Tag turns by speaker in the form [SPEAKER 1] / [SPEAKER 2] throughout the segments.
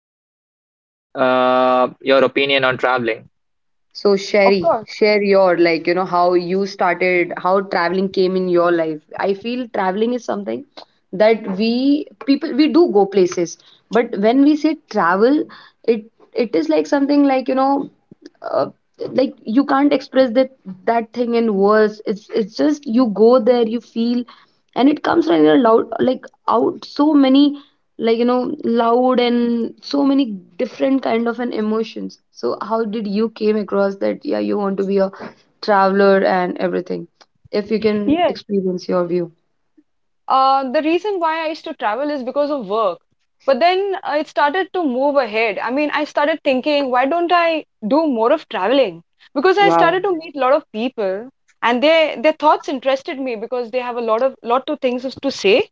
[SPEAKER 1] Guys have your opinion on traveling.
[SPEAKER 2] So,
[SPEAKER 3] Of
[SPEAKER 2] Sherry,
[SPEAKER 3] course.
[SPEAKER 2] share your how you started, how traveling came in your life. I feel traveling is something that we people we do go places, but when we say travel, it it is like something uh, like you can't express that thing in words. It's just you go there, you feel, and it comes from your loud like out so many loud and so many different kind of an emotions. So how did you came across that? Yeah, you want to be a traveler and everything, if you can
[SPEAKER 3] Yes.
[SPEAKER 2] experience your view.
[SPEAKER 3] The reason why I used to travel is because of work. But then it started to move ahead. I mean, I started thinking, why don't I do more of traveling? Because I
[SPEAKER 2] Wow.
[SPEAKER 3] started to meet a lot of people, and their thoughts interested me because they have a lot of things to say.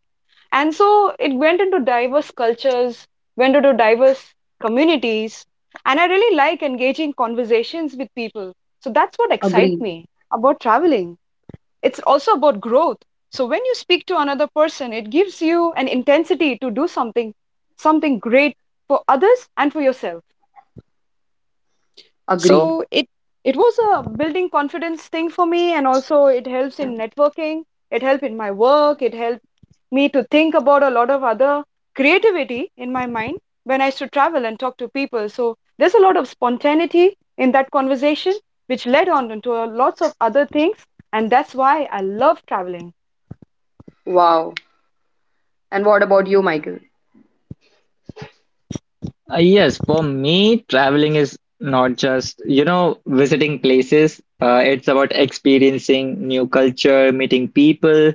[SPEAKER 3] And so it went into diverse cultures, went into diverse communities, and I really like engaging conversations with people. So that's what excites
[SPEAKER 2] Agree.
[SPEAKER 3] me about traveling. It's also about growth. So when you speak to another person, it gives you an intensity to do something, something great for others and for yourself.
[SPEAKER 2] Agree.
[SPEAKER 3] So it was a building confidence thing for me, and also it helps in networking. It helped in my work. It helped me to think about a lot of other creativity in my mind when I used to travel and talk to people. So there's a lot of spontaneity in that conversation, which led on into lots of other things, and that's why I love traveling.
[SPEAKER 2] Wow. And what about you, Michael?
[SPEAKER 1] Yes, for me, traveling is not just, you know, visiting places. It's about experiencing new culture, meeting people,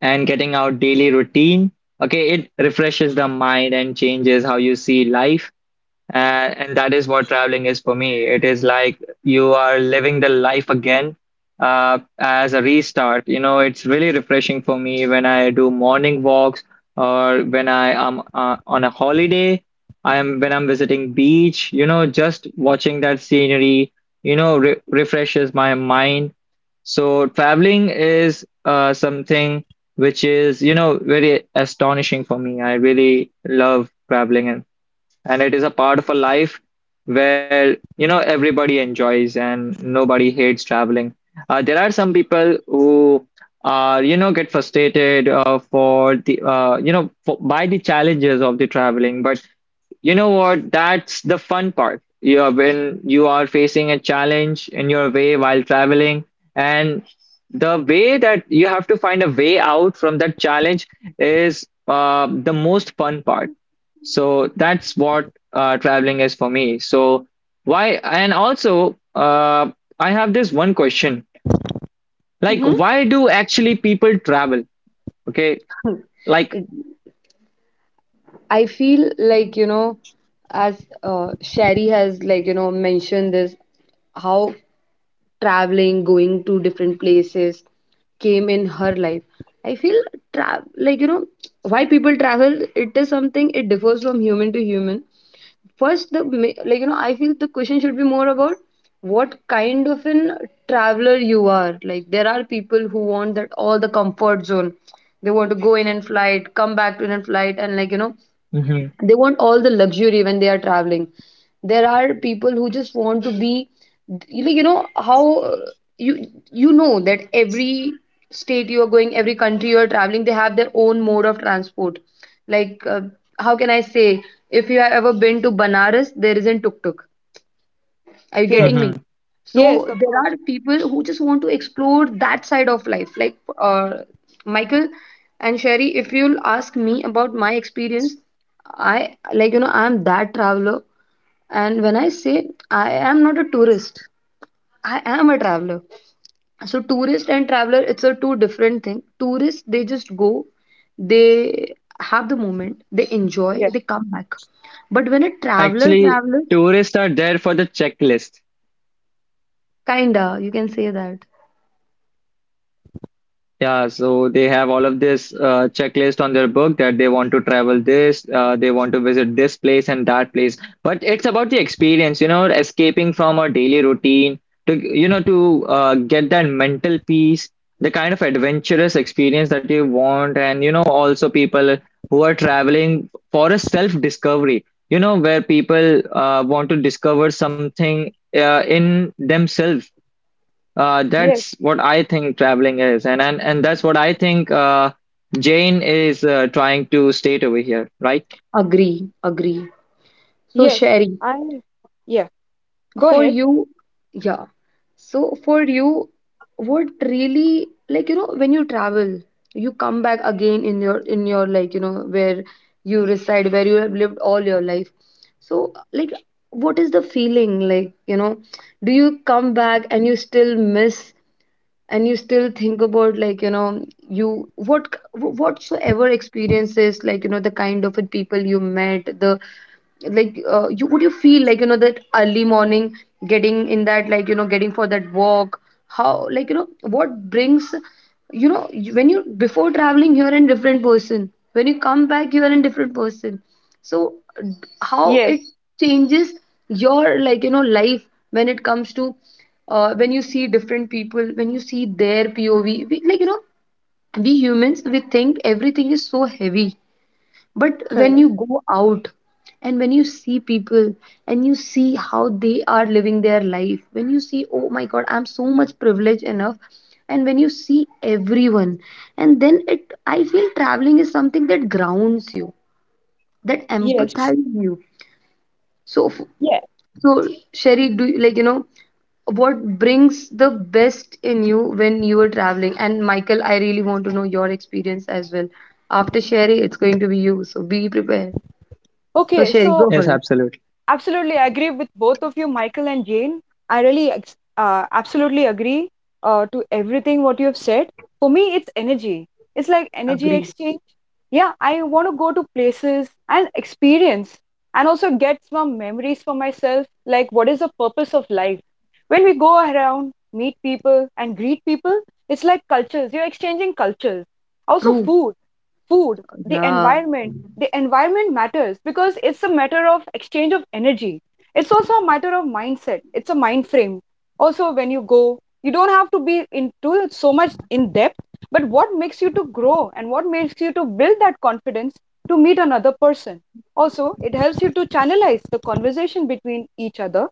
[SPEAKER 1] and getting out daily routine. Okay, it refreshes the mind and changes how you see life. And that is what traveling is for me. It is like you are living the life again as a restart. You know, it's really refreshing for me when I do morning walks or when I am on a holiday. I am when I'm visiting beach. You know, just watching that scenery, you know, re refreshes my mind. So traveling is something which is, you know, very astonishing for me. I really love traveling and it is a part of a life where you know everybody enjoys and nobody hates traveling. There are some people who are you know get frustrated for the you know by the challenges of the traveling, but you know what? That's the fun part. You are when you are facing a challenge in your way while traveling, and the way that you have to find a way out from that challenge is the most fun part. So that's what traveling is for me. So why? And also, I have this one question. Like,
[SPEAKER 3] Hmm.
[SPEAKER 1] why do actually people travel? Okay, like,
[SPEAKER 2] I feel as Sherry has mentioned this, how traveling going to different places came in her life. I feel tra- like you know why people travel, it is something, it differs from human to human. First the ma- like you know I feel the question should be more about what kind of an traveler you are. Like, there are people who want that all the comfort zone. They want to go in and flight, come back to in and flight, and
[SPEAKER 1] hmm
[SPEAKER 2] they want all the luxury when they are traveling. There are people who just want to be, you know, how uh, you you know that every state you are going, every country you are traveling, they have their own mode of transport. like uh, how can I say, if you have ever been to Banaras, there isn't tuk tuk. Are you
[SPEAKER 3] Yes,
[SPEAKER 2] getting
[SPEAKER 1] hmm
[SPEAKER 2] me? So
[SPEAKER 3] yes, of
[SPEAKER 2] there
[SPEAKER 3] course.
[SPEAKER 2] are people who just want to explore that side of life. Michael and Sherry, if you'll ask me about my experience, I I'm that traveler. And when I say I am not a tourist, I am a traveler. So tourist and traveler, it's a two different thing. Tourists, they just go, they have the moment, they enjoy,
[SPEAKER 3] Yes,
[SPEAKER 2] they come back. But when a traveler
[SPEAKER 1] actually,
[SPEAKER 2] travels,
[SPEAKER 1] tourists are there for the checklist.
[SPEAKER 2] kinda, you can say that.
[SPEAKER 1] Yeah, so they have all of this checklist on their book that they want to travel this, they want to visit this place and that place. But it's about the experience, you know, escaping from our daily routine to, you know, to get that mental peace, the kind of adventurous experience that you want. And, you know, also people who are traveling for a self-discovery, you know, where people want to discover something in themselves
[SPEAKER 3] yes,
[SPEAKER 1] that's what I think traveling is, and that's what I think Jane is trying to state over here, right?
[SPEAKER 2] Agree, agree. So,
[SPEAKER 3] yes.
[SPEAKER 2] Sherry,
[SPEAKER 3] I yeah. Go
[SPEAKER 2] for
[SPEAKER 3] ahead.
[SPEAKER 2] you, yeah. So, for you, what really when you travel, you come back again in your in your where you reside, where you have lived all your life. So, like, what is the feeling like? You know, do you come back and you still miss, and you still think about like you know you what whatsoever experiences, the kind of people you met, the you would you feel that early morning, getting in that, getting for that walk. How, what brings, when you, before traveling you are a different person, when you come back you are a different person. So how
[SPEAKER 3] Yes,
[SPEAKER 2] it changes your life when it comes to when you see different people, when you see their POV. We, we humans we think everything is so heavy, but when
[SPEAKER 3] correct.
[SPEAKER 2] you go out and when you see people and you see how they are living their life, when you see, oh my god, I'm so much privileged enough. And when you see everyone, and then it, I feel traveling is something that grounds you, that
[SPEAKER 3] Yes,
[SPEAKER 2] empathizes you. so, f-
[SPEAKER 3] yeah.
[SPEAKER 2] so Sherry, do you, like you know what brings the best in you when you are traveling? And Michael, I really want to know your experience as well. After Sherry, it's going to be you, so be prepared. So
[SPEAKER 3] Okay,
[SPEAKER 2] Sherry,
[SPEAKER 3] so
[SPEAKER 2] go for
[SPEAKER 1] Yes,
[SPEAKER 2] it.
[SPEAKER 1] absolutely.
[SPEAKER 3] absolutely, I agree with both of you, Michael and Jane. Absolutely agree to everything what you have said. For me, it's energy. It's like energy
[SPEAKER 2] Agree.
[SPEAKER 3] exchange. Yeah, I want to go to places and experience and also get some memories for myself. Like, what is the purpose of life? When we go around, meet people, and greet people, it's like cultures. You're exchanging cultures. Also,
[SPEAKER 2] True.
[SPEAKER 3] food, the
[SPEAKER 2] Yeah.
[SPEAKER 3] environment. The environment matters because it's a matter of exchange of energy. It's also a matter of mindset. It's a mind frame. Also, when you go, you don't have to be into so much in depth, but what makes you to grow and what makes you to build that confidence to meet another person. Also, it helps you to channelize the conversation between each other.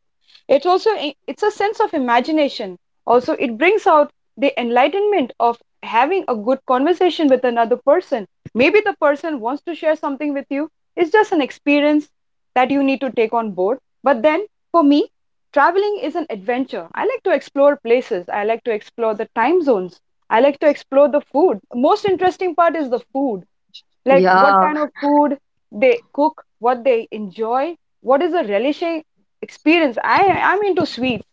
[SPEAKER 3] it's also it's a sense of imagination. Also, it brings out the enlightenment of having a good conversation with another person. Maybe the person wants to share something with you. It's just an experience that you need to take on board. But then, for me, traveling is an adventure. I like to explore places. I like to explore the time zones. I like to explore the food. Most interesting part is the food, like what
[SPEAKER 2] Yeah.
[SPEAKER 3] kind of food they cook, what they enjoy, what is a relishing experience. I'm into sweets,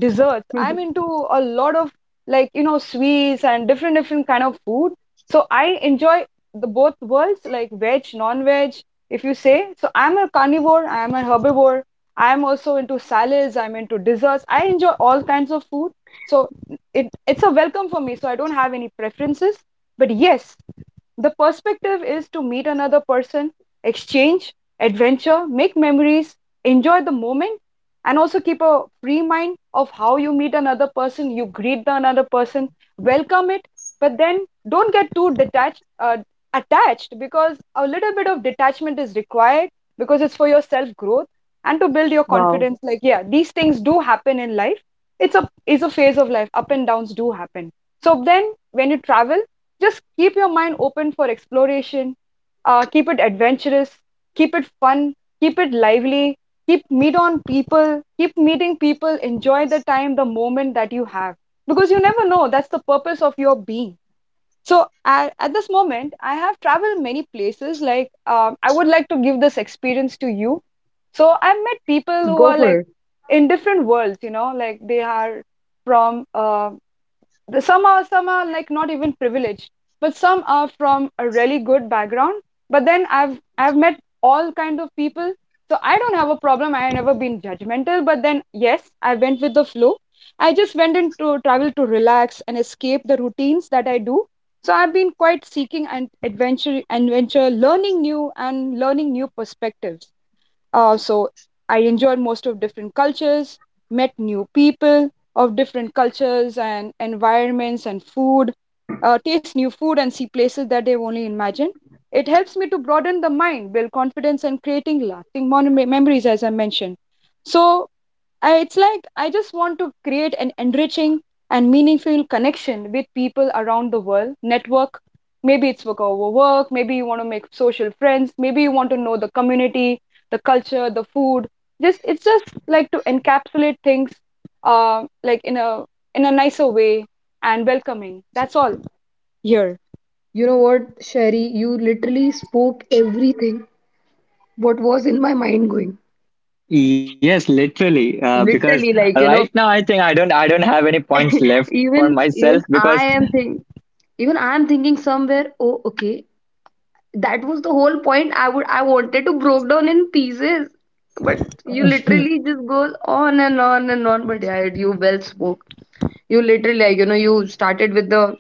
[SPEAKER 3] desserts. I'm into a lot of sweets and different kind of food. So I enjoy the both worlds, like veg, non-veg. If you say so, I'm a carnivore. I'm a herbivore. I'm also into salads. I'm into desserts. I enjoy all kinds of food. So it's a welcome for me. So I don't have any preferences. But yes, the perspective is to meet another person, exchange, adventure, make memories, enjoy the moment, and also keep a free mind of how you meet another person. You greet the another person, welcome it, but then don't get too attached, because a little bit of detachment is required because it's for your self growth and to build your
[SPEAKER 2] Wow.
[SPEAKER 3] confidence. Like, yeah, these things do happen in life. It's a phase of life. Up and downs do happen. So then, when you travel, just keep your mind open for exploration, keep it adventurous, keep it fun, keep it lively, keep meeting people, enjoy the time, the moment that you have. Because you never know, that's the purpose of your being. So at this moment, I have traveled many places. Like, I would like to give this experience to you. So I've met people who
[SPEAKER 2] Go
[SPEAKER 3] are
[SPEAKER 2] for
[SPEAKER 3] like
[SPEAKER 2] it.
[SPEAKER 3] in different worlds, you know, like they are from the- some are like not even privileged, but some are from a really good background. But then I've met all kind of people. So I don't have a problem. I've never been judgmental, but then yes, I went with the flow. I just went into travel to relax and escape the routines that I do. So I've been quite seeking and adventure, learning new perspectives. So I enjoyed most of different cultures, met new people of different cultures and environments and food, taste new food and see places that they've only imagined. It helps me to broaden the mind, build confidence, and creating lasting memories, as I mentioned. So it's like I just want to create an enriching and meaningful connection with people around the world, network. Maybe it's work over work, maybe you want to make social friends, maybe you want to know the community, the culture, the food. Just it's just like to encapsulate things like in a nicer way and welcoming. That's all here.
[SPEAKER 2] You know what, Sherry? You literally spoke everything what was in my mind going.
[SPEAKER 1] Yes, literally. Because
[SPEAKER 2] Literally,
[SPEAKER 1] right now I think I don't have any points left for
[SPEAKER 2] even
[SPEAKER 1] myself
[SPEAKER 2] I
[SPEAKER 1] because
[SPEAKER 2] am think, even I am thinking somewhere, oh okay, that was the whole point. I wanted to broke down in pieces. But you literally just goes on and on and on. But yeah, you well spoke. You literally you started with the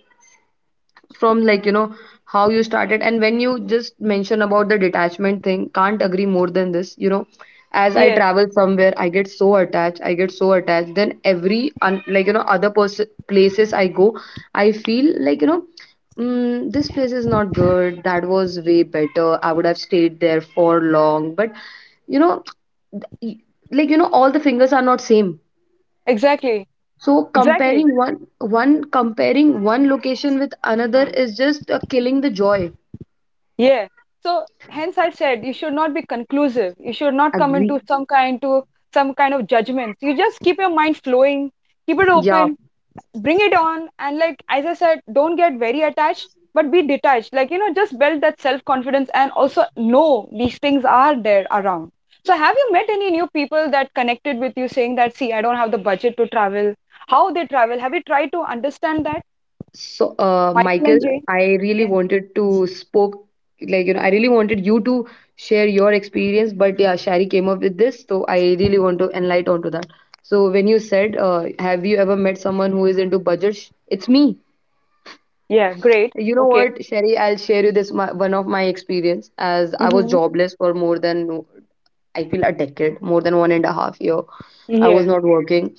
[SPEAKER 2] from how you started. And when you just mention about the detachment thing, can't agree more than this. You know, as I
[SPEAKER 3] Yes,
[SPEAKER 2] travel somewhere, I get so attached, I get so attached. Then every places I go, I feel mm, this place is not good, that was way better, I would have stayed there for long. But you know, y- all the fingers are not same.
[SPEAKER 3] exactly.
[SPEAKER 2] So
[SPEAKER 3] Exactly.
[SPEAKER 2] comparing one location with another is just killing the joy.
[SPEAKER 3] Yeah. So hence I said you should not be conclusive. You should not come
[SPEAKER 2] Agree.
[SPEAKER 3] into some kind of judgments. You just keep your mind flowing, keep it
[SPEAKER 2] Yeah.
[SPEAKER 3] open, bring it on, and like as I said, don't get very attached, but be detached. Like you know, just build that self confidence and also know these things are there around. So have you met any new people that connected with you saying that, see, I don't have the budget to travel? How they travel? Have you tried to understand that?
[SPEAKER 2] So
[SPEAKER 3] Michael
[SPEAKER 2] Michael,
[SPEAKER 3] and Jane?
[SPEAKER 2] I really
[SPEAKER 3] Yeah.
[SPEAKER 2] wanted to spoke, I really wanted you to share your experience, but yeah, Shari came up with this, so I really want to enlighten onto that. So when you said, have you ever met someone who is into budget? It's me.
[SPEAKER 3] Yeah, great.
[SPEAKER 2] You know
[SPEAKER 3] Okay.
[SPEAKER 2] what, Sherry? I'll share you this my, one of my experience. As I was
[SPEAKER 3] Mm-hmm.
[SPEAKER 2] jobless for more than, I feel a decade, more than 1.5 years. I was
[SPEAKER 3] Yeah.
[SPEAKER 2] not working,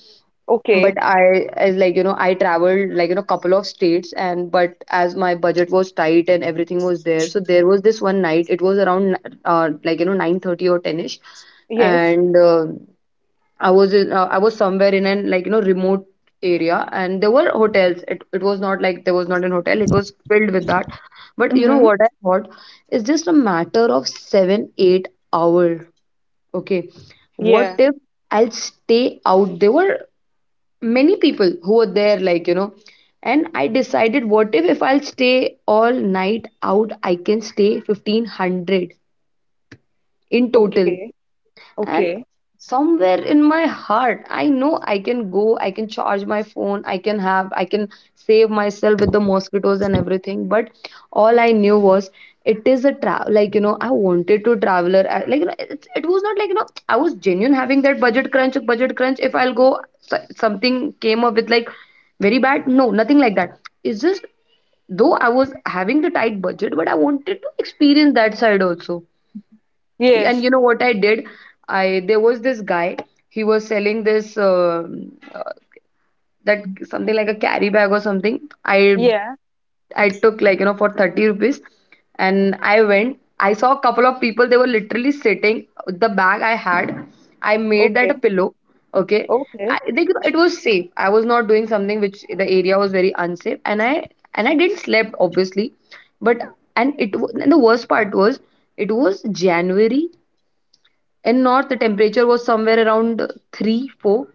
[SPEAKER 2] but
[SPEAKER 3] Okay.
[SPEAKER 2] I, as like you know I traveled couple of states. And but as my budget was tight and everything was there, so there was this one night. It was around 9:30 or ten ish.
[SPEAKER 3] Yes.
[SPEAKER 2] And I was in, I was somewhere in an remote area, and there were hotels. It was not like there was not an hotel. It was filled with that. But you
[SPEAKER 3] Mm-hmm.
[SPEAKER 2] know what I thought? It's just a matter of 7-8 hours. Okay, what
[SPEAKER 3] Yeah.
[SPEAKER 2] if I'll stay out? There were many people who were there, and I decided, what if I'll stay all night out? I can stay 1,500 in total.
[SPEAKER 3] Okay. Okay.
[SPEAKER 2] And somewhere in my heart, I know I can go, I can charge my phone, I can save myself with the mosquitoes and everything. But all I knew was it is a travel. I wanted to traveler. It, it was not I was genuine having that budget crunch. If I'll go so- something came up with like very bad, no, nothing like that. It's just, though I was having the tight budget, but I wanted to experience that side also. And
[SPEAKER 3] Yes.
[SPEAKER 2] you know what I did? I There was this guy. He was selling this that something like a carry bag or something. I
[SPEAKER 3] Yeah.
[SPEAKER 2] I took for 30 rupees, and I went. I saw a couple of people. They were literally sitting. The bag I had, I made that a
[SPEAKER 3] Okay.
[SPEAKER 2] pillow. Okay,
[SPEAKER 3] Okay.
[SPEAKER 2] I think it was safe. I was not doing something which the area was very unsafe. And I and I didn't slept obviously. But and the worst part was it was January in north, the temperature was somewhere around 3, 4,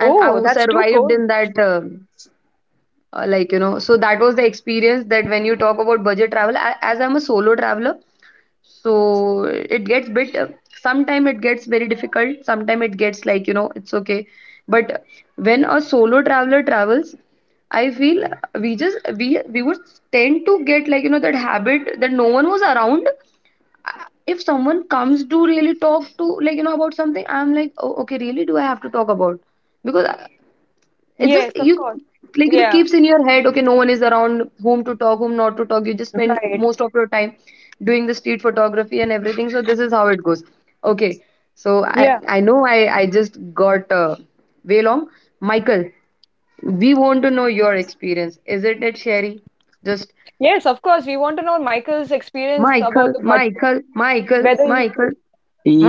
[SPEAKER 2] and I w-
[SPEAKER 3] that's too
[SPEAKER 2] survived
[SPEAKER 3] cold.
[SPEAKER 2] in that, so that was the experience. That when you talk about budget travel, a- as I'm a solo traveler, so it gets bit, sometime it gets very difficult, sometime it gets it's okay. But when a solo traveler travels, I feel we just we would tend to get that habit, that no one was around. If someone comes to really talk to about something, I'm like, oh okay, really, do I have to talk about? Because it's just
[SPEAKER 3] Yes, of
[SPEAKER 2] you,
[SPEAKER 3] course.
[SPEAKER 2] like you know
[SPEAKER 3] Yeah.
[SPEAKER 2] keeps in your head, okay, no one is around, whom to talk, whom not to talk. You just spend
[SPEAKER 3] Right.
[SPEAKER 2] most of your time doing the street photography and everything. So this is how it goes, okay. So i
[SPEAKER 3] Yeah.
[SPEAKER 2] i know, I just got way long. Michael, we want to know your experience, isn't it Sherry? Just,
[SPEAKER 3] Yes, of course. We want to know Michael's experience about
[SPEAKER 2] Michael,
[SPEAKER 3] the budget,
[SPEAKER 2] michael michael
[SPEAKER 3] whether he
[SPEAKER 2] michael
[SPEAKER 3] said,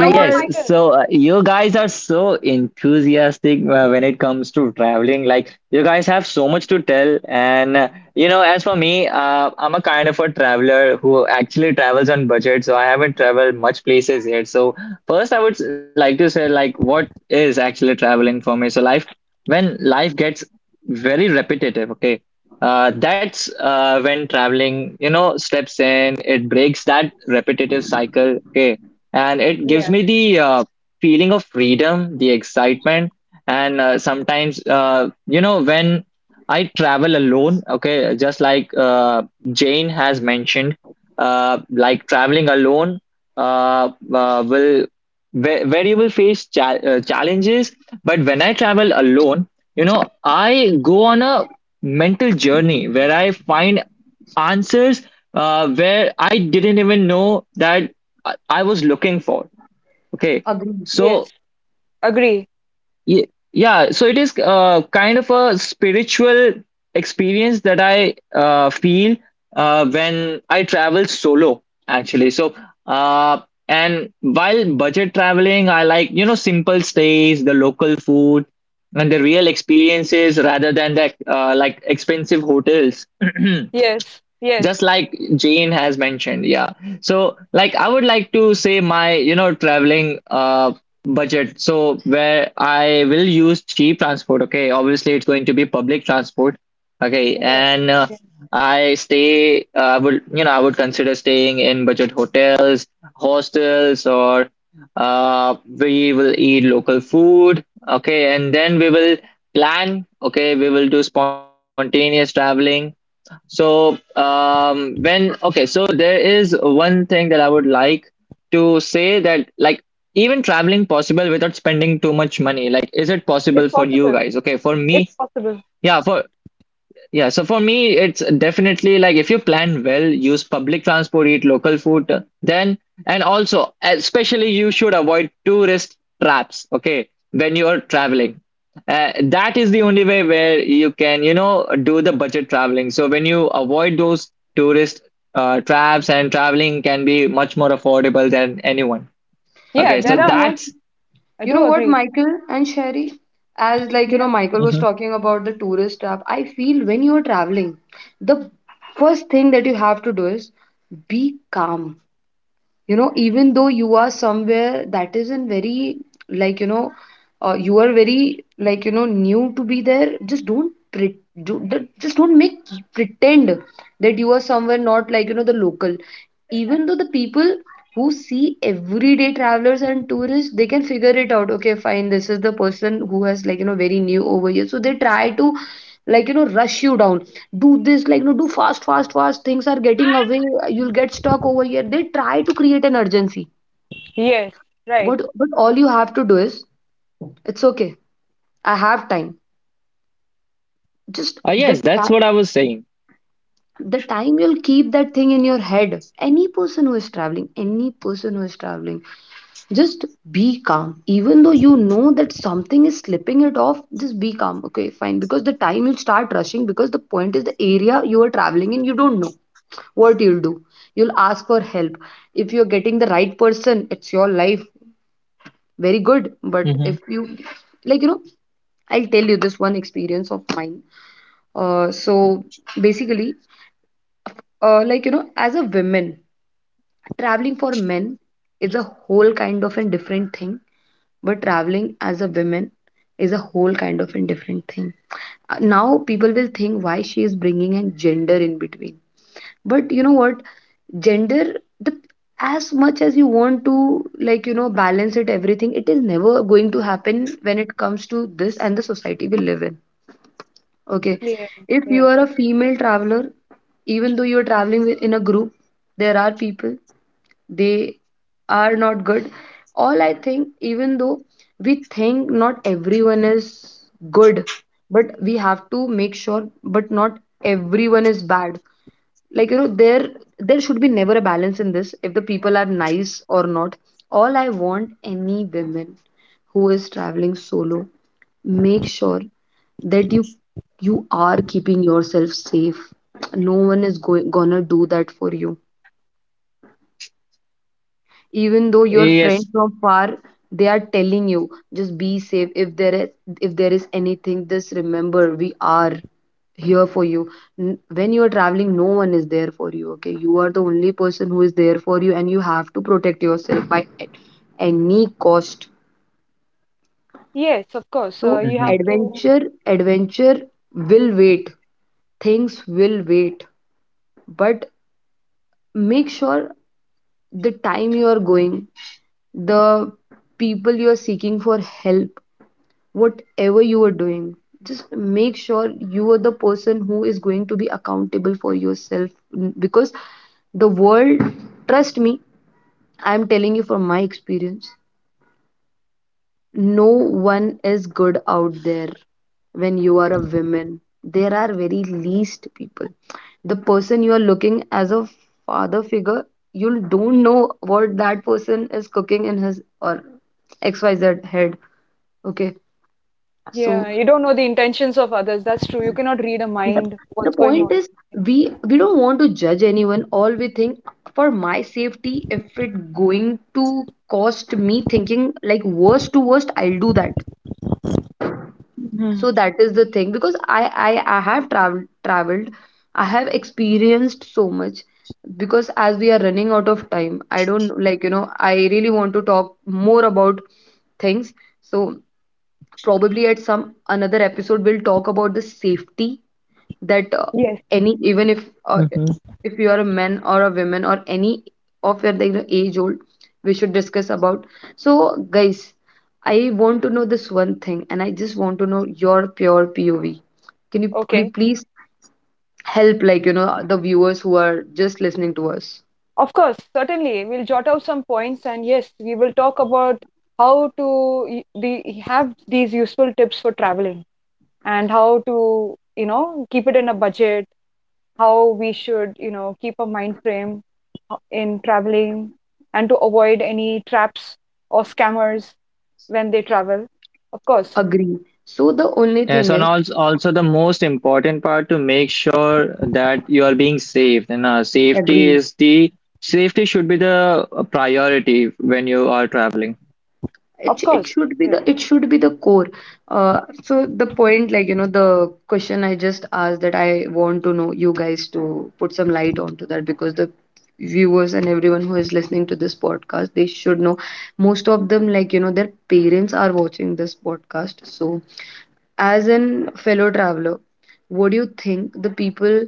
[SPEAKER 3] come on, Michael.
[SPEAKER 1] so you guys are so enthusiastic when it comes to traveling. Like, you guys have so much to tell. And, you know, as for me, I'm a kind of a traveler who actually travels on budget. So I haven't traveled much places yet. So, first, I would like to say, like, what is actually traveling for me? So, life, when life gets very repetitive, okay, that's when traveling, you know, steps in, it breaks that repetitive cycle. Okay, and it gives
[SPEAKER 3] Yeah.
[SPEAKER 1] me the feeling of freedom, the excitement, and sometimes you know when I travel alone, okay, just like Jane has mentioned, like traveling alone will where you will face challenges, but when I travel alone, you know, I go on a mental journey where I find answers where I didn't even know that I was looking for. Okay.
[SPEAKER 2] agree.
[SPEAKER 1] So,
[SPEAKER 3] Yes. Agree.
[SPEAKER 1] yeah, so it is kind of a spiritual experience that I feel when I travel solo, actually. So, uh, and while budget traveling, I like, you know, simple stays, the local food, and the real experiences rather than the like expensive hotels.
[SPEAKER 3] Yes. Yes.
[SPEAKER 1] Just like Jane has mentioned, yeah. So, like, I would like to say my, you know, traveling budget. So where I will use cheap transport. Okay, obviously it's going to be public transport. Okay,
[SPEAKER 3] Yeah.
[SPEAKER 1] and
[SPEAKER 3] Yeah.
[SPEAKER 1] I stay. I would, you know, I would consider staying in budget hotels, hostels, or we will eat local food. Okay, and then we will plan. Okay, we will do spontaneous traveling so, when, okay, so there is one thing that I would like to say that, like, even traveling possible without spending too much money? Like, is it possible
[SPEAKER 3] It's
[SPEAKER 1] for you
[SPEAKER 3] possible.
[SPEAKER 1] guys? Okay, for me,
[SPEAKER 3] It's possible.
[SPEAKER 1] yeah, for yeah, so for me, it's definitely like if you plan well, use public transport, eat local food, then, and also, especially, you should avoid tourist traps, okay, when you're traveling. That is the only way where you can, you know, do the budget traveling. So when you avoid those tourist traps and traveling can be much more affordable than anyone.
[SPEAKER 3] Yeah,
[SPEAKER 1] Okay,
[SPEAKER 2] You
[SPEAKER 1] so
[SPEAKER 3] there
[SPEAKER 2] know
[SPEAKER 3] are.
[SPEAKER 2] what?
[SPEAKER 1] that's,
[SPEAKER 3] I
[SPEAKER 2] You
[SPEAKER 3] do
[SPEAKER 2] know what,
[SPEAKER 3] agree.
[SPEAKER 2] Michael and Sherry? As, like, you
[SPEAKER 3] Yeah.
[SPEAKER 2] know, Michael was
[SPEAKER 1] mhm.
[SPEAKER 2] talking about the tourist trap. I feel when you are traveling, the first thing that you have to do is be calm. Even though you are somewhere that isn't very like you know you are very new to be there, just don't pre- do, d- just don't make pretend that you are somewhere, not the local. Even though the people who see everyday travelers and tourists, they can figure it out. Okay, fine, this is the person who has very new over here, so they try to rush you down. Do this like, no, do fast, fast, fast, things are getting away, you'll get stuck over here. They try to create an urgency,
[SPEAKER 3] Yes. Right.
[SPEAKER 2] but all you have to do is it's okay, I have time, just the
[SPEAKER 1] Yes, that's
[SPEAKER 2] time.
[SPEAKER 1] what I was saying.
[SPEAKER 2] The time you'll keep that thing in your head, any person who is traveling, any person who is traveling, just be calm. Even though you know that something is slipping it off, just be calm, okay, fine. Because the time you'll start rushing, because the point is the area you are traveling in you don't know what you'll do, you'll ask for help. If you're getting the right person, it's your life, very good. But if
[SPEAKER 1] Hmm.
[SPEAKER 2] you like you know I'll tell you this one experience of mine. So basically, as a woman, traveling for men is a whole kind of a different thing, but traveling as a woman is a whole kind of a different thing. Now people will think why she is bringing a gender in between, but you know what, gender, the, as much as you want to balance it, everything, it is never going to happen when it comes to this and the society we live in, okay.
[SPEAKER 3] Yeah.
[SPEAKER 2] If you
[SPEAKER 3] Yeah.
[SPEAKER 2] are a female traveler, even though you are traveling with- in a group, there are people, they are not good. All I think, even though we think not everyone is good, but we have to make sure, but not everyone is bad. There, there should be never a balance in this, if the people are nice or not. All I want, any women who is traveling solo, make sure that you are keeping yourself safe. No one is going gonna do that for you. Even though your friend
[SPEAKER 1] Yes.
[SPEAKER 2] from far, they are telling you just be safe, if there is, if there is anything, just remember we are here for you. N- when you are traveling, no one is there for you, okay, you are the only person who is there for you, and you have to protect yourself by a- any cost.
[SPEAKER 3] Yes, of course.
[SPEAKER 2] So
[SPEAKER 3] You
[SPEAKER 1] Hmm.
[SPEAKER 3] have to—
[SPEAKER 2] adventure, adventure will wait, things will wait, but make sure the time you are going, the people you are seeking for help, whatever you are doing, just make sure you are the person who is going to be accountable for yourself. Because the world, trust me, I'm telling you from my experience, no one is good out there. When you are a woman, there are very least people. The person you are looking as a father figure, you don't know what that person is cooking in his or xyz head, okay. So
[SPEAKER 3] yeah, you don't know the intentions of others. That's true. You cannot read a
[SPEAKER 2] the,
[SPEAKER 3] mind,
[SPEAKER 2] the
[SPEAKER 3] what's going
[SPEAKER 2] point
[SPEAKER 3] on.
[SPEAKER 2] is, we don't want to judge anyone. All we think, for my safety, if it going to cost me thinking like worst to worst, I'll do that.
[SPEAKER 3] Mhm.
[SPEAKER 2] So that is the thing, because I have traveled, I have experienced so much. Because as we are running out of time, I don't I really want to talk more about things. So probably at some another episode, we'll talk about the safety, that
[SPEAKER 3] Yes.
[SPEAKER 2] any, even if you are a man or a woman or any of your like, age old, we should discuss about. So guys, I want to know this one thing and I just want to know your pure POV. Can you, could you
[SPEAKER 3] Okay.
[SPEAKER 2] please help the viewers who are just listening to us?
[SPEAKER 3] Of course, certainly. We'll jot out some points and yes, we will talk about how to y- the have these useful tips for traveling and how to, you know, keep it in a budget, how we should, you know, keep a mind frame in traveling and to avoid any traps or scammers when they travel. Of course.
[SPEAKER 2] Agree. So the only
[SPEAKER 1] Yes,
[SPEAKER 2] thing
[SPEAKER 1] and
[SPEAKER 2] is,
[SPEAKER 1] also, also the most important part to make sure that you are being safe. And
[SPEAKER 2] agree,
[SPEAKER 1] safety should be the priority when you are traveling.
[SPEAKER 3] Of
[SPEAKER 2] it
[SPEAKER 3] course.
[SPEAKER 2] should be
[SPEAKER 3] Yes.
[SPEAKER 2] the, it should be the core. So the point, the question I just asked, that I want to know you guys to put some light onto that, because the viewers and everyone who is listening to this podcast, they should know. Most of them, their parents are watching this podcast. So as an fellow traveler, what do you think the people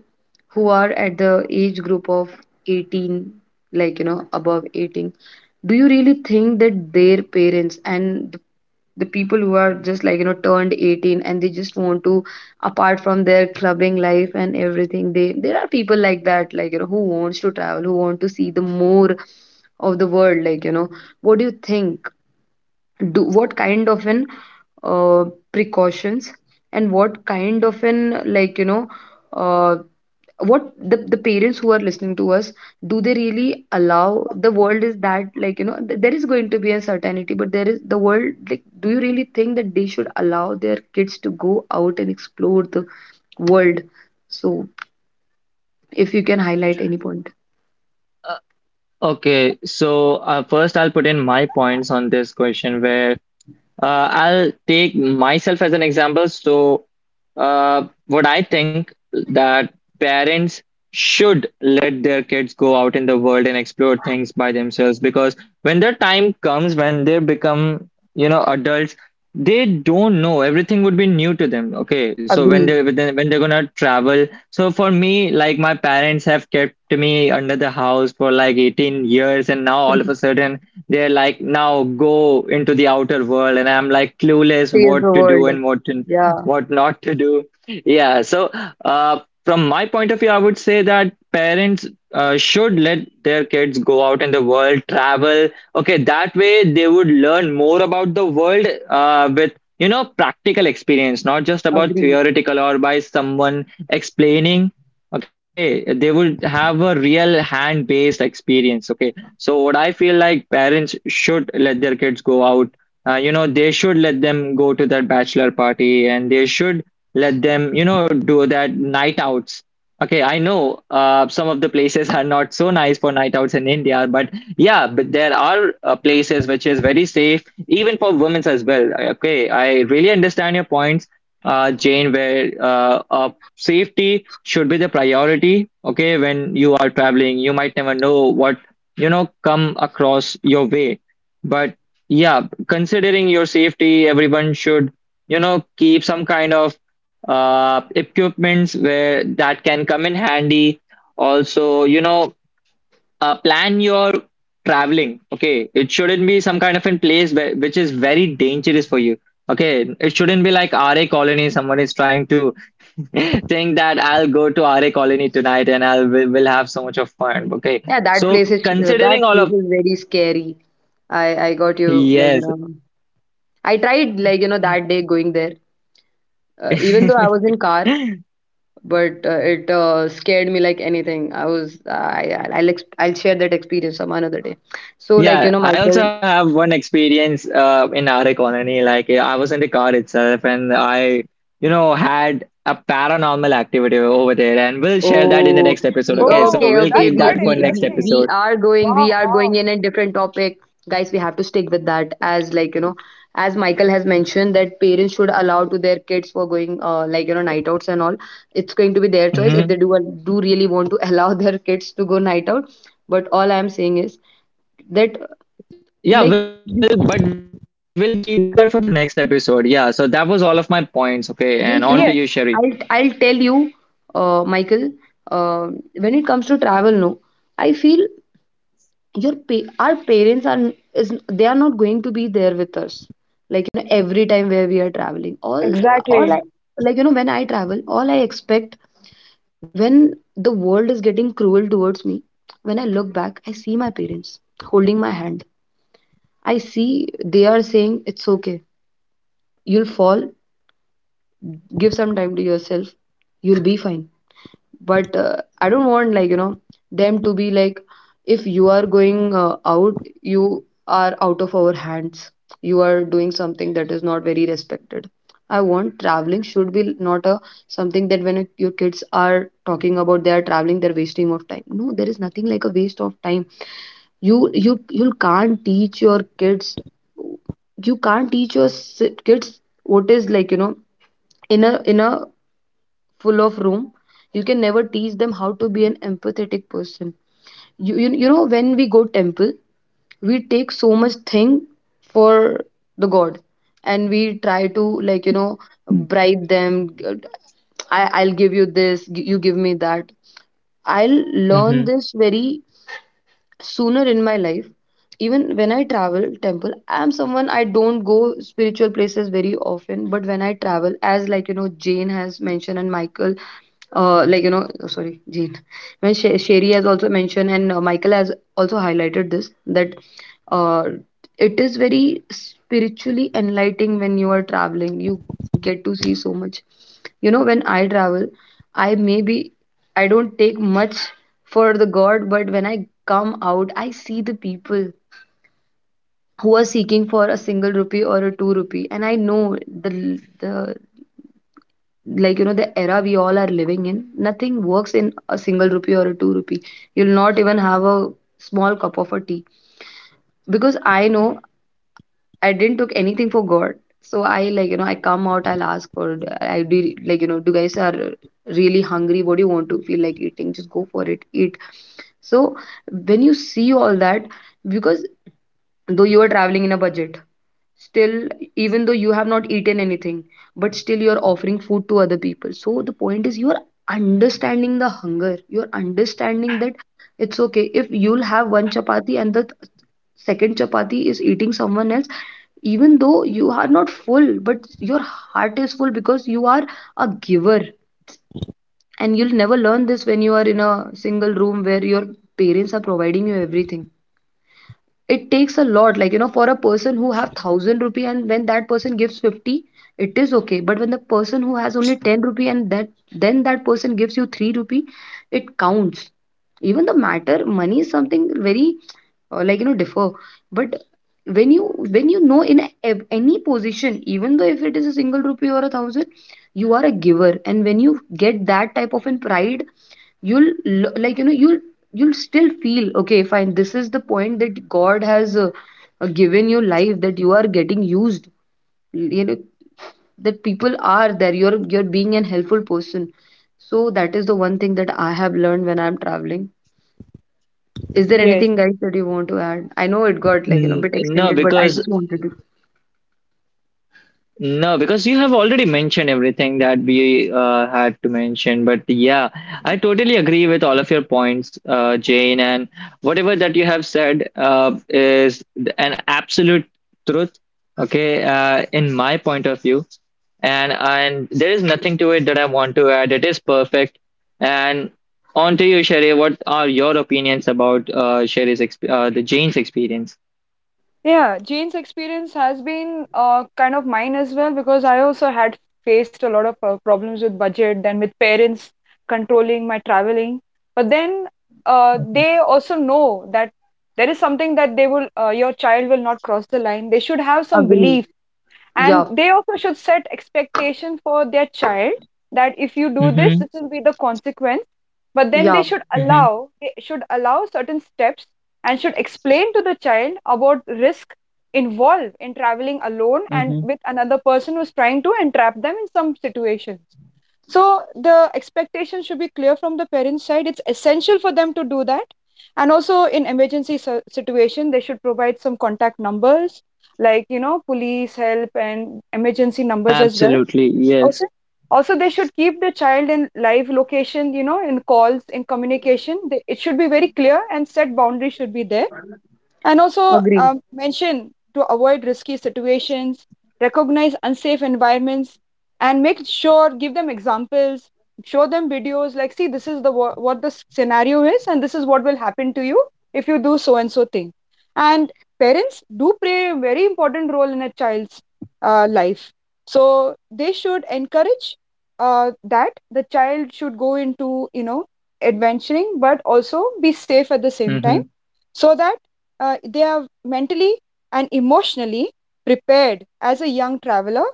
[SPEAKER 2] who are at the age group of 18, like, you know, above 18, do you really think that their parents and the people who are just like, you know, turned 18 and they just want to, apart from their clubbing life and everything, they there are people like that, like, you know, who wants to travel, who want to see the more of the world, like, you know, what do you think? Do, what kind of an uh, precautions and what kind of an uh, what the parents who are listening to us, do they really allow, the world is that, th- there is going to be a certainty, but there is the world, like, do you really think that they should allow their kids to go out and explore the world? So if you can highlight any point.
[SPEAKER 1] Okay, so first I'll put in my points on this question where I'll take myself as an example. So, what I think that parents should let their kids go out in the world and explore things by themselves because when the time comes when they become, you know, adults, they don't know. Everything would be new to them. Okay, so when
[SPEAKER 2] Agree.
[SPEAKER 1] they're gonna travel. So for me, like my parents have kept me under the house for like 18 years, and now all of a sudden they're like, now go into the outer world, and I'm like clueless
[SPEAKER 2] Says the
[SPEAKER 1] what to do
[SPEAKER 2] world.
[SPEAKER 1] and what to,
[SPEAKER 2] Yeah.
[SPEAKER 1] what not to do. Yeah, so from my point of view, I would say that parents should let their kids go out in the world, travel. Okay, that way they would learn more about the world with you know practical experience, not just about
[SPEAKER 2] Agree.
[SPEAKER 1] theoretical or by someone explaining. Okay, they would have a real hand based experience, okay. So what I feel like parents should let their kids go out. You know, they should let them go to that bachelor party and they should let them, you know, do that night outs. Okay, I know some of the places are not so nice for night outs in India, but yeah, but there are places which is very safe, even for women as well. Okay, I really understand your points, Jane, where safety should be the priority. Okay, when you are traveling, you might never know what you know come across your way, but yeah, considering your safety everyone should you know keep some kind of equipments where that can come in handy. Also you know plan your traveling, okay, it shouldn't be some kind of in place where, which is very dangerous for you. Okay, it shouldn't be like RA colony someone is trying to think that I'll go to RA colony tonight and I'll will have so much of fun, okay.
[SPEAKER 2] Yeah,
[SPEAKER 1] So considering
[SPEAKER 2] that
[SPEAKER 1] all of
[SPEAKER 2] place is very scary. I got you like you
[SPEAKER 1] yes.
[SPEAKER 2] know I tried that day going there, even though I was in car, but it scared me like anything. I was I I'll ex I'll share that experience some another day. So
[SPEAKER 1] Yeah, I
[SPEAKER 2] Michael.
[SPEAKER 1] also have one experience in our colony. Like I was in the car itself, and I, you know, had a paranormal activity over there, and we'll share that in the
[SPEAKER 2] Oh,
[SPEAKER 1] next
[SPEAKER 2] y-
[SPEAKER 1] episode. Okay, so
[SPEAKER 2] okay,
[SPEAKER 3] Oh,
[SPEAKER 1] we'll
[SPEAKER 3] that's
[SPEAKER 2] okay.
[SPEAKER 1] keep
[SPEAKER 3] quite
[SPEAKER 1] that for next
[SPEAKER 3] interesting.
[SPEAKER 2] We
[SPEAKER 1] episode.
[SPEAKER 2] are going. We
[SPEAKER 3] Wow,
[SPEAKER 2] are going
[SPEAKER 3] wow.
[SPEAKER 2] in a different topic, guys. We have to stick with that. As, as Michael has mentioned that parents should allow to their kids for going, night outs and all. It's going to be their choice if they
[SPEAKER 1] Hmm.
[SPEAKER 2] do really want to allow their kids to go night out. But all I'm saying is that
[SPEAKER 1] Yeah,
[SPEAKER 2] like
[SPEAKER 1] we'll
[SPEAKER 2] you,
[SPEAKER 1] keep that for the next episode. Yeah, so that was all of my points. Okay, and on to you, Sherry.
[SPEAKER 2] like you know,
[SPEAKER 3] Yes,
[SPEAKER 2] I'll tell you, Michael, uh, when it comes to travel, no. I feel your pa- our parents are, is they are not going to be there with us, every time where we are traveling all I,
[SPEAKER 3] exactly.
[SPEAKER 2] when I travel all I expect, when the world is getting cruel towards me, when I look back I see my parents holding my hand. I see they are saying it's okay, you'll fall, give some time to yourself, you'll be fine. But I don't want them to be like, if you are going out, you are out of our hands, you are doing something that is not very respected. I want traveling should be not a, something that when your kids are talking about, they are traveling, they're wasting of time. No, there is nothing like a waste of time. You can't teach your kids, you can't teach your si- kids what is in a, in a full of room. You can never teach them how to be an empathetic person. You know when we go temple, we take so much thing for the god and we try to bribe them. I'll give you this, you give me that. I'll learn
[SPEAKER 1] Mm-hmm.
[SPEAKER 2] this very sooner in my life. Even when I travel temple, I'm someone I don't go spiritual places very often, but when I travel, as Jane has mentioned and Michael, oh, sorry Jane, when Sher- Sherry has also mentioned and Michael has also highlighted this, that uh, it is very spiritually enlightening when you are traveling. You get to see so much. When I travel, I maybe, I don't take much for the god, but when I come out I see the people who are seeking for a single rupee or a two rupee. And I know the the era we all are living in, nothing works in a single rupee or a two rupee. You'll not even have a small cup of a tea. Because I know I didn't took anything for god, so I, I come out, I'll ask for, I do do guys are really hungry? What do you want to feel like eating? Just go for it, eat. So when you see all that, because though you are traveling in a budget, still, even though you have not eaten anything, but still you are offering food to other people. So the point is you are understanding the hunger, you are understanding that. It's okay if you'll have one chapati and second chapati is eating someone else. Even though you are not full, but your heart is full, because you are a giver. And you'll never learn this when you are in a single room where your parents are providing you everything. It takes a lot for a person who have 1000 rupee and when that person gives 50, it is okay. But when the person who has only 10 rupee and that person gives you 3 rupee, it counts. Even the matter, money is something very differ. But when you, when you know, in a- any position, even though if it is a single rupee or a thousand, you are a giver, and when you get that type of an pride, you'll you'll still feel okay, fine, this is the point that god has given you life, that you are getting used. You know that people are there, you're being an helpful person. So that is the one thing that I have learned when I'm traveling. Is there
[SPEAKER 3] Yes.
[SPEAKER 2] anything guys that you want to add? I know it got a
[SPEAKER 1] Mm,
[SPEAKER 2] bit
[SPEAKER 1] no,
[SPEAKER 2] extended, but I
[SPEAKER 1] because
[SPEAKER 2] just wanted to.
[SPEAKER 1] no, because you have already mentioned everything that we had to mention. But yeah, I totally agree with all of your points, Jane, and whatever that you have said an absolute truth. Okay, in my point of view, and there is nothing to it that I want to add. It is perfect. And on to you, Sherry. What are your opinions about Sherry's exp the Jane's experience?
[SPEAKER 3] Yeah, Jane's experience has been kind of mine as well because I also had faced a lot of problems with budget, then with parents controlling my traveling. But then
[SPEAKER 1] Mm-hmm.
[SPEAKER 3] they also know that there is something that they will, your child will not cross the line. They should have some
[SPEAKER 2] Agree.
[SPEAKER 3] belief, and
[SPEAKER 2] Yeah.
[SPEAKER 3] they also should set expectations for their child that if you do this, this
[SPEAKER 1] Mm-hmm.
[SPEAKER 3] will be the consequence. But then
[SPEAKER 2] Yeah.
[SPEAKER 3] they should allow certain steps and should explain to the child about risk involved in traveling alone and
[SPEAKER 1] Mm-hmm.
[SPEAKER 3] with another person who's trying to entrap them in some situations. So the expectation should be clear from the parents' side. It's essential for them to do that. And also in emergency situation, they should provide some contact numbers like, you know, police help and emergency numbers as well.
[SPEAKER 1] Absolutely,
[SPEAKER 3] Also,
[SPEAKER 1] yes.
[SPEAKER 3] also they should keep the child in live location, you know, in calls, in communication. They, it should be very clear and set boundaries should be there, and also
[SPEAKER 2] Agree.
[SPEAKER 3] mention to avoid risky situations, recognize unsafe environments, and make sure give them examples, show them videos like, see, this is the what the scenario is and this is what will happen to you if you do so and so thing. And parents do play a very important role in a child's life, so they should encourage that the child should go into, you know, adventuring but also be safe at the same
[SPEAKER 1] Mm-hmm.
[SPEAKER 3] time, so that they are mentally and emotionally prepared as a young traveler.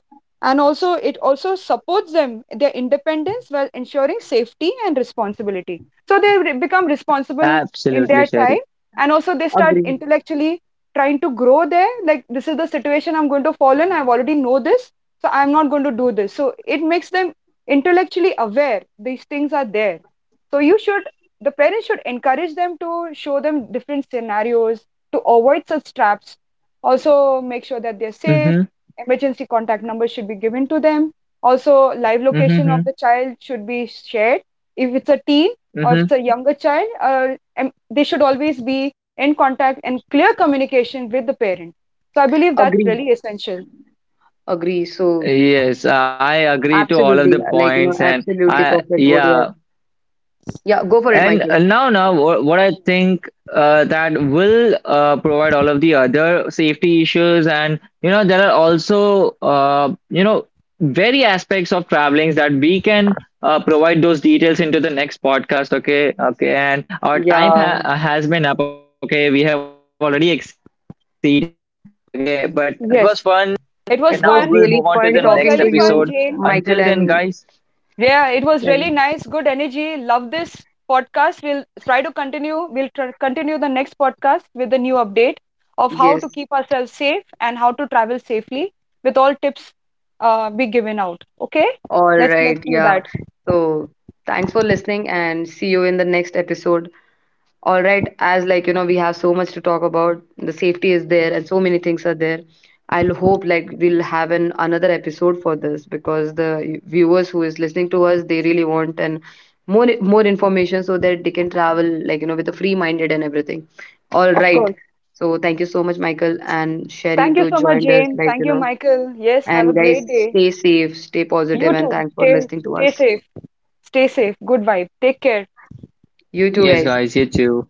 [SPEAKER 3] And also it also supports them their independence while ensuring safety and responsibility, so they become responsible in their
[SPEAKER 1] Absolutely,
[SPEAKER 3] time,
[SPEAKER 1] Sherry.
[SPEAKER 3] and also they start
[SPEAKER 2] Agree.
[SPEAKER 3] intellectually trying to grow there, like, this is the situation I'm going to fall in, I already know this, so I'm not going to do this. So it makes them intellectually aware these things are there. So you should, the parents should encourage them to show them different scenarios to avoid such traps. Also, make sure that they're safe.
[SPEAKER 1] Mm-hmm.
[SPEAKER 3] Emergency contact numbers should be given to them. Also, live location of the
[SPEAKER 1] Mm-hmm.
[SPEAKER 3] child should be shared. If it's a teen or if it's a
[SPEAKER 1] Mm-hmm.
[SPEAKER 3] younger child, they should always be in contact and clear communication with the parent. So, I believe that's
[SPEAKER 2] Agree.
[SPEAKER 3] really essential.
[SPEAKER 2] Agree. So
[SPEAKER 1] Yes, I agree to all of the
[SPEAKER 2] absolutely,
[SPEAKER 1] points, and
[SPEAKER 2] absolutely
[SPEAKER 1] I
[SPEAKER 2] perfect what you
[SPEAKER 1] yeah.
[SPEAKER 2] have. Yeah, go for it,
[SPEAKER 1] And
[SPEAKER 2] Michael.
[SPEAKER 1] now, what I think that will provide all of the other safety issues, and you know there are also you know very aspects of travelings that we can provide those details into the next podcast. Okay, okay, and our time
[SPEAKER 2] Yeah,
[SPEAKER 1] ha has been up. Okay, we have already exceeded. Okay, but
[SPEAKER 3] Yes, it was
[SPEAKER 2] it was
[SPEAKER 3] fun.
[SPEAKER 2] really fun
[SPEAKER 3] It was
[SPEAKER 2] talking to
[SPEAKER 3] really fun,
[SPEAKER 2] you,
[SPEAKER 3] Jane.
[SPEAKER 2] Michael and
[SPEAKER 3] Yeah, it was
[SPEAKER 2] Kelly.
[SPEAKER 3] really nice. Good energy. Love this podcast. We'll try to continue. Continue the next podcast with a new update of how to
[SPEAKER 2] Yes,
[SPEAKER 3] keep ourselves safe and how to travel safely with all tips be given out. Okay?
[SPEAKER 2] all
[SPEAKER 3] Let's
[SPEAKER 2] right.
[SPEAKER 3] do
[SPEAKER 2] Yeah.
[SPEAKER 3] that.
[SPEAKER 2] So thanks for listening and see you in the next episode. All right, as we have so much to talk about, the safety is there and so many things are there. I'll hope like we'll have an another episode for this, because the viewers who is listening to us, they really want, and more information, so that they can travel with a free minded and everything. All
[SPEAKER 3] Of course.
[SPEAKER 2] right. So thank you so much, Michael and Sherry,
[SPEAKER 3] Thank you
[SPEAKER 2] to
[SPEAKER 3] so much,
[SPEAKER 2] join us,
[SPEAKER 3] Jane. Thank you, Michael. Yes, have a
[SPEAKER 2] and guys,
[SPEAKER 3] great day.
[SPEAKER 2] stay safe, stay positive,
[SPEAKER 3] You
[SPEAKER 2] and
[SPEAKER 3] too.
[SPEAKER 2] thanks for listening to
[SPEAKER 3] Stay
[SPEAKER 2] us.
[SPEAKER 3] safe. Stay safe. Good vibe. Take care.
[SPEAKER 2] You too,
[SPEAKER 1] yes,
[SPEAKER 2] guys.
[SPEAKER 1] guys, you too.